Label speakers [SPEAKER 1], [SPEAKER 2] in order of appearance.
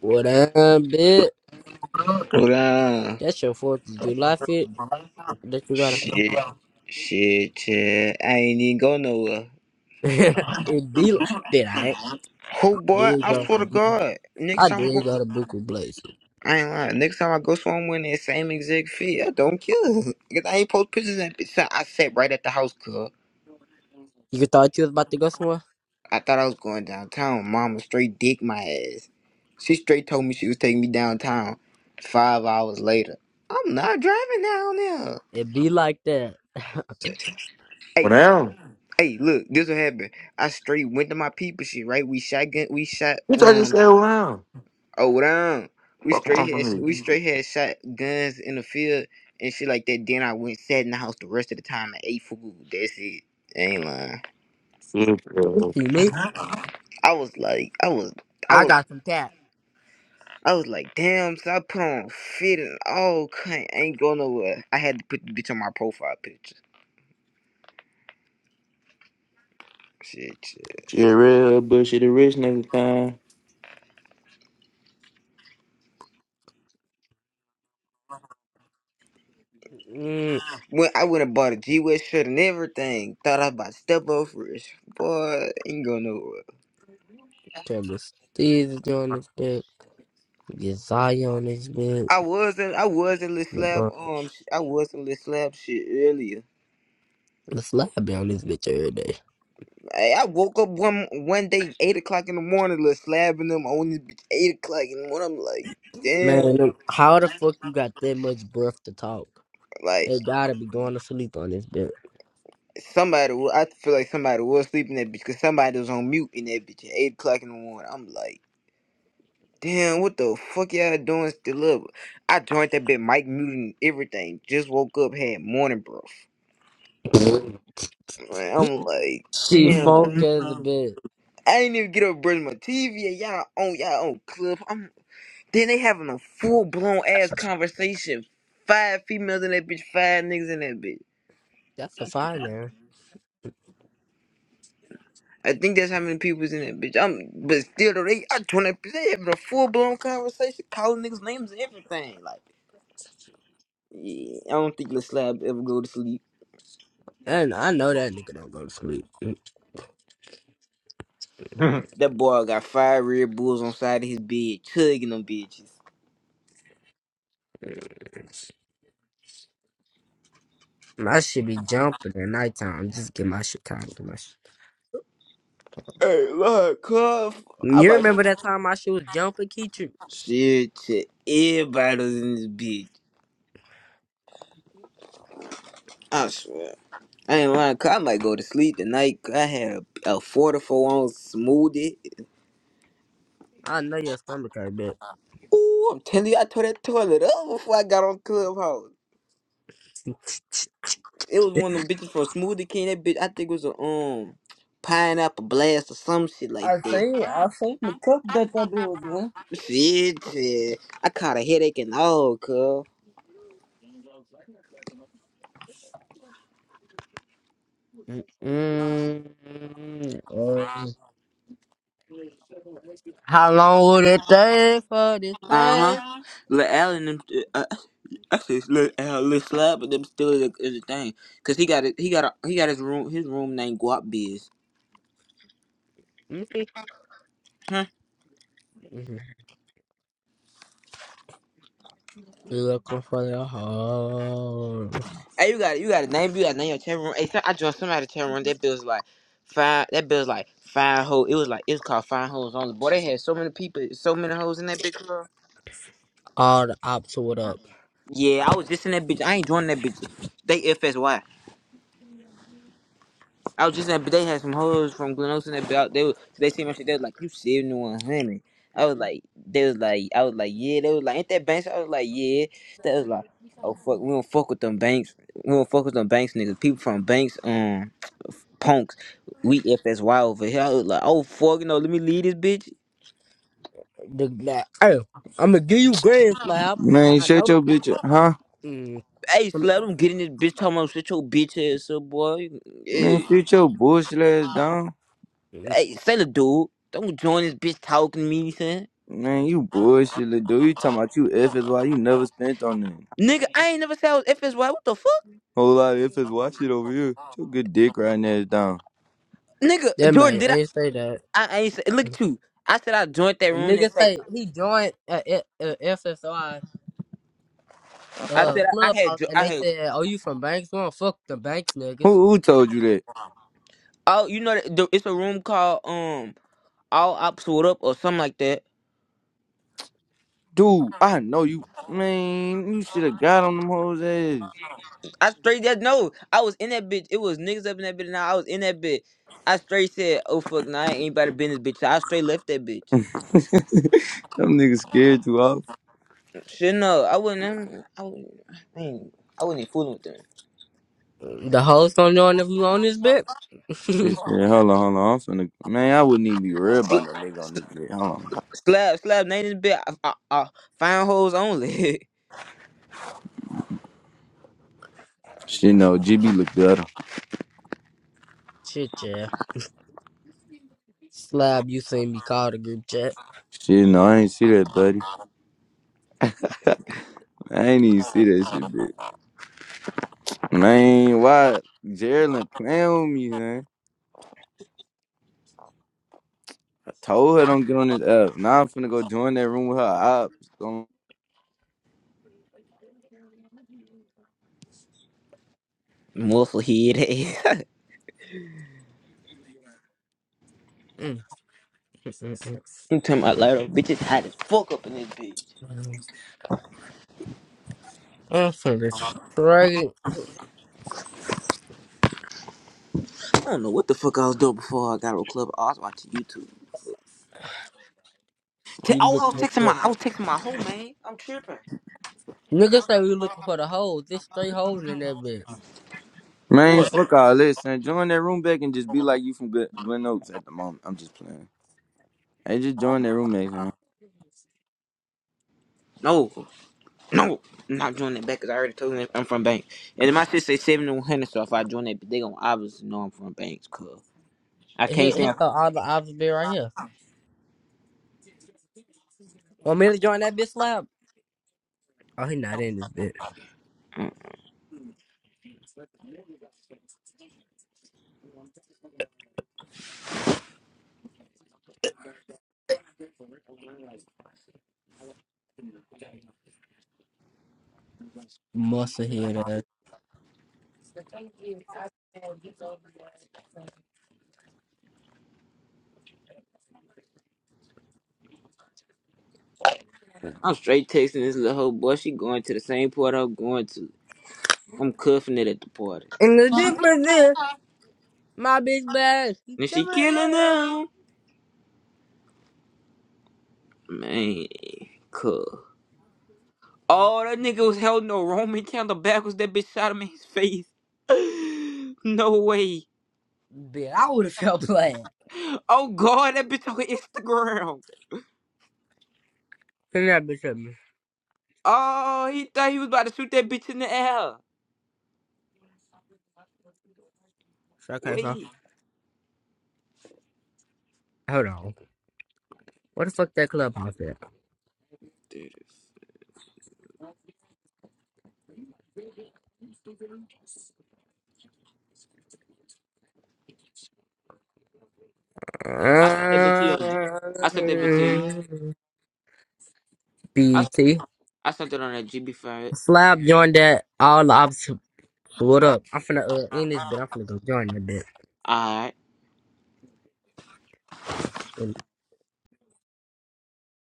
[SPEAKER 1] What up, bitch?
[SPEAKER 2] Hold on.
[SPEAKER 1] That's your Fourth of July fit that you got.
[SPEAKER 2] Shit. Shit, Yeah, I ain't even go nowhere.
[SPEAKER 1] it be like, bitch. I
[SPEAKER 2] Who boy?
[SPEAKER 1] did
[SPEAKER 2] I
[SPEAKER 1] go. To
[SPEAKER 2] swear to
[SPEAKER 1] Buku.
[SPEAKER 2] God. Next
[SPEAKER 1] I
[SPEAKER 2] time I
[SPEAKER 1] did
[SPEAKER 2] go,
[SPEAKER 1] go to Buku Blazes.
[SPEAKER 2] I ain't lying. Next time I go somewhere in that same exact field, I don't kill. Cause I ain't post pictures and bitch. I sat right at the house, cuz.
[SPEAKER 1] You thought you was about to go somewhere?
[SPEAKER 2] I thought I was going downtown. Mama straight dick my ass. She straight told me she was taking me downtown. Five hours later, I'm not driving down there.
[SPEAKER 1] It be like that.
[SPEAKER 3] Wow!
[SPEAKER 2] Hey,
[SPEAKER 3] now,
[SPEAKER 2] hey, look, this what happened. I straight went to my people shit, right? We shotgun, we shot,
[SPEAKER 3] bitch, I just
[SPEAKER 2] um,
[SPEAKER 3] said, wow!
[SPEAKER 2] Oh, what We
[SPEAKER 3] Fuck
[SPEAKER 2] straight
[SPEAKER 3] off with
[SPEAKER 2] had
[SPEAKER 3] me.
[SPEAKER 2] we straight had shot guns in the field and shit like that. Then I went sat in the house the rest of the time and ate food. That's it. I ain't lying.
[SPEAKER 3] Shit, uh,
[SPEAKER 1] See me?
[SPEAKER 2] I was like, I was, I
[SPEAKER 1] I
[SPEAKER 2] was,
[SPEAKER 1] got some cat.
[SPEAKER 2] I was like, damn. So I put on fit and all kind. I ain't going nowhere. I had to put the bitch on my profile picture. Shit, shit.
[SPEAKER 3] shit, real bullshit, the rich nigga
[SPEAKER 1] Mm.
[SPEAKER 2] When I went and bought a G West shirt and everything, thought I was about to step up first. Boy, ain't going nowhere.
[SPEAKER 1] Trevor Steve is doing this bitch. Josiah on this bitch.
[SPEAKER 2] I wasn't. I wasn't little slab.
[SPEAKER 1] LeBron,
[SPEAKER 2] Um, sh- I wasn't little slab shit earlier.
[SPEAKER 1] the slab be on this bitch every day.
[SPEAKER 2] Hey, I woke up one one day eight o'clock in the morning, little slabbing them on this bitch eight o'clock in the morning. I'm like, damn,
[SPEAKER 1] Man, them- how the fuck you got that much breath to talk?
[SPEAKER 2] like
[SPEAKER 1] They gotta be going to sleep on this bitch.
[SPEAKER 2] somebody. wa- I feel like somebody was sleeping that bitch because somebody was on mute in that bitch at eight o'clock in the morning. I'm like, damn, what the fuck y'all doing still up? I joined that bit, mic muting everything. Just woke up, had morning breath. Man, I'm like,
[SPEAKER 1] She funk
[SPEAKER 2] damn.
[SPEAKER 1] as a bitch.
[SPEAKER 2] I ain't even get up brush my TV. and Y'all on y'all on club. I'm. Then they having a full blown ass conversation. Five females in that bitch, five niggas in that bitch.
[SPEAKER 1] That's a five, man.
[SPEAKER 2] I think that's how many people's in that bitch. I'm, but still, though, they I twenty they having a full blown conversation, calling niggas names and everything. Like, yeah, I don't think Lil Slab ever go to sleep.
[SPEAKER 1] And I know that nigga don't go to sleep.
[SPEAKER 3] kind.
[SPEAKER 2] That boy got five Red Bulls on side of his bed, chugging them bitches.
[SPEAKER 1] My shit be jumping at nighttime. Just get my shit time. Get my shit.
[SPEAKER 2] Hey, Lord, cuff. I'm
[SPEAKER 1] You
[SPEAKER 2] like,
[SPEAKER 1] remember that time my shit was jumping, Keechu?
[SPEAKER 2] shit, shit. Everybody was in this bitch. I swear. I ain't lying, 'cause I might go to sleep tonight. 'cause I had a, a four to four ounce smoothie.
[SPEAKER 1] I know your stomach hurt, bitch.
[SPEAKER 2] Ooh, I'm telling you, I tore that toilet up before I got on Clubhouse. It was one of them bitches from Smoothie King. That bitch, I think it was a um pineapple blast or some shit like
[SPEAKER 1] I
[SPEAKER 2] that.
[SPEAKER 1] seen I seen the cup that that dude was
[SPEAKER 2] Shit, shit. I caught a headache and all, cuz.
[SPEAKER 1] in. Mm-mm. Um, How long would it take for this
[SPEAKER 2] Uh
[SPEAKER 1] pain?
[SPEAKER 2] huh. Lil Al and them, uh, I say it's Lil Al, Lil Slab, but them still is a, is a thing. Cause he got it, he got a, he got his room, his room named Guap Biz.
[SPEAKER 1] Mhm. You Looking for the hole.
[SPEAKER 2] Hey, you got you got a name. You got a name your chat room. Hey, some- I joined somebody chat room. That bill's like fine. That bill's like fine Hoes. It was like it was called fine hoes only. Boy, they had so many people, so many hoes in that big club.
[SPEAKER 1] All the ops, what up?
[SPEAKER 2] Yeah, I was just in that bitch. I ain't joining that bitch. They FSY. I was just in that. But they had some hoes from Glen Oaks in that bitch. They was, they seen my shit. They was like you seventy one hundred. I was like, they was like, I was like, yeah. They was like, ain't that banks? I was like, yeah. That was like, oh fuck, we don't fuck with them banks. We don't fuck with them banks, niggas. People from banks, um. punks. We FSY over here. I was like, oh fuck, you know, let me leave this bitch.
[SPEAKER 1] The that hey, I'm gonna give you grand slab.
[SPEAKER 4] Man,
[SPEAKER 1] I know
[SPEAKER 4] shut
[SPEAKER 1] it.
[SPEAKER 4] your bitch up, huh?
[SPEAKER 1] Mm.
[SPEAKER 2] Hey,
[SPEAKER 1] I'ma-
[SPEAKER 2] slap him, get in this bitch. Talking about shit your bitch ass up, boy.
[SPEAKER 4] Man,
[SPEAKER 2] Yeah.
[SPEAKER 4] shoot your bullshit ass down.
[SPEAKER 1] mm.
[SPEAKER 2] Hey, say the dude. Don't join this bitch talking to me, you saying?
[SPEAKER 4] Man, you bullshit, little dude. You talking about you FSY, you never spent on that.
[SPEAKER 2] Nigga, I ain't never said I was FSY. What the fuck?
[SPEAKER 4] Whole lot of FSY shit over here. Get your good dick right ass down.
[SPEAKER 2] Nigga,
[SPEAKER 1] That
[SPEAKER 2] Jordan,
[SPEAKER 1] man
[SPEAKER 2] did I?
[SPEAKER 1] ain't say that.
[SPEAKER 2] I, I ain't say, look at you. I said I joined that room that
[SPEAKER 1] Nigga
[SPEAKER 2] say,
[SPEAKER 1] say he joined at FSI
[SPEAKER 2] I
[SPEAKER 1] uh
[SPEAKER 2] said I, I had,
[SPEAKER 1] clubhouse
[SPEAKER 2] jo-
[SPEAKER 1] and
[SPEAKER 2] I
[SPEAKER 1] they
[SPEAKER 2] had,
[SPEAKER 1] said, "Oh, you from Banks? One? fuck the Banks niggas.
[SPEAKER 4] Who, who told you that?
[SPEAKER 2] oh, you know, that the, it's a room called, um, All Ops What Up or something like that.
[SPEAKER 4] Dude, I know you. Man, you should have got on them hoes ass.
[SPEAKER 2] I straight that no. I was in that bitch. It was niggas up in that bitch. Now I was in that bitch. I straight said, "Oh fuck, nah, I ain't anybody been this bitch." So I straight left that bitch.
[SPEAKER 4] them niggas scared too off.
[SPEAKER 2] Shit, no, I wouldn't. I'm- I would not I, ain't, I wouldn't even fooling with them.
[SPEAKER 1] The hoes don't know if you on this bit.
[SPEAKER 4] Shit, yeah, hold on, hold on. I'm finna, man, I wouldn't even be worried about no
[SPEAKER 2] Sl-
[SPEAKER 4] nigga on this bitch. Hold on.
[SPEAKER 2] slap, slap, name this bitch. I, I, I, fine hoes only.
[SPEAKER 4] Shit, no, GB look better.
[SPEAKER 1] Shit, yeah. Slab, you seen me call the group chat.
[SPEAKER 4] Shit, no, I ain't see that, buddy. I ain't even see that shit, bitch. Man, why Geraldine playing with me, man? I told her don't get on this app. Now I'm finna go join that room with her ops. Gon-
[SPEAKER 2] Muffle head.
[SPEAKER 1] Mm.
[SPEAKER 2] I'm talking about lighter bitch. It's hot as fuck up in this bitch.
[SPEAKER 1] I'm finna straight.
[SPEAKER 2] I don't know what the fuck I was doing before I got on club. I was watching YouTube. Te-
[SPEAKER 1] We
[SPEAKER 2] oh, I was
[SPEAKER 1] looking
[SPEAKER 2] texting
[SPEAKER 1] for
[SPEAKER 2] my, I was texting my hoe man. I'm tripping.
[SPEAKER 1] niggas say we looking for the hoes. This straight hoes in that bitch.
[SPEAKER 4] Man,
[SPEAKER 2] What?
[SPEAKER 4] fuck all this, son. Join that room back and just be like you from Good Glen Oaks at the moment. I'm just playing. Hey, just join that room back, man.
[SPEAKER 2] No. No, I'm not joining that back because I already told you I'm from Banks. And then my sister say 7100, so if I join that, they gonna obviously know I'm from Banks, cuz. I can't
[SPEAKER 1] He,
[SPEAKER 2] say
[SPEAKER 1] he
[SPEAKER 2] I'm,
[SPEAKER 1] thought all the odds would be right here. Want me to join that bitch slap? Oh, he not in this bitch.
[SPEAKER 2] Mm.
[SPEAKER 1] Muscle have hear that.
[SPEAKER 2] I'm straight texting this little hoe, boy. She going to the same party I'm going to. I'm cuffing it at the party.
[SPEAKER 1] And the difference is, my bitch bad. He
[SPEAKER 2] And she
[SPEAKER 1] coming
[SPEAKER 2] killing them. Man, cuz.
[SPEAKER 1] down.
[SPEAKER 2] Oh, that nigga was holding no Roman candle backwards. That bitch shot him in his face. no way.
[SPEAKER 1] Bitch, I would have felt bad.
[SPEAKER 2] Oh, God, that bitch on Instagram.
[SPEAKER 1] Send that bitch at me.
[SPEAKER 2] Oh, he thought he was about to shoot that bitch in the air.
[SPEAKER 1] So I can't stop.
[SPEAKER 2] Wait.
[SPEAKER 1] Hold on. What the fuck that club on at?
[SPEAKER 2] I sent that bitch to you. on- I sent that bitch to you.
[SPEAKER 1] Uh,
[SPEAKER 2] I sent,
[SPEAKER 1] BT.
[SPEAKER 2] I sent it on a GB for it.
[SPEAKER 1] Slab joined that. All the options. What up? I'm finna uh, end this bitch. I'm finna go join that bitch.
[SPEAKER 2] All right.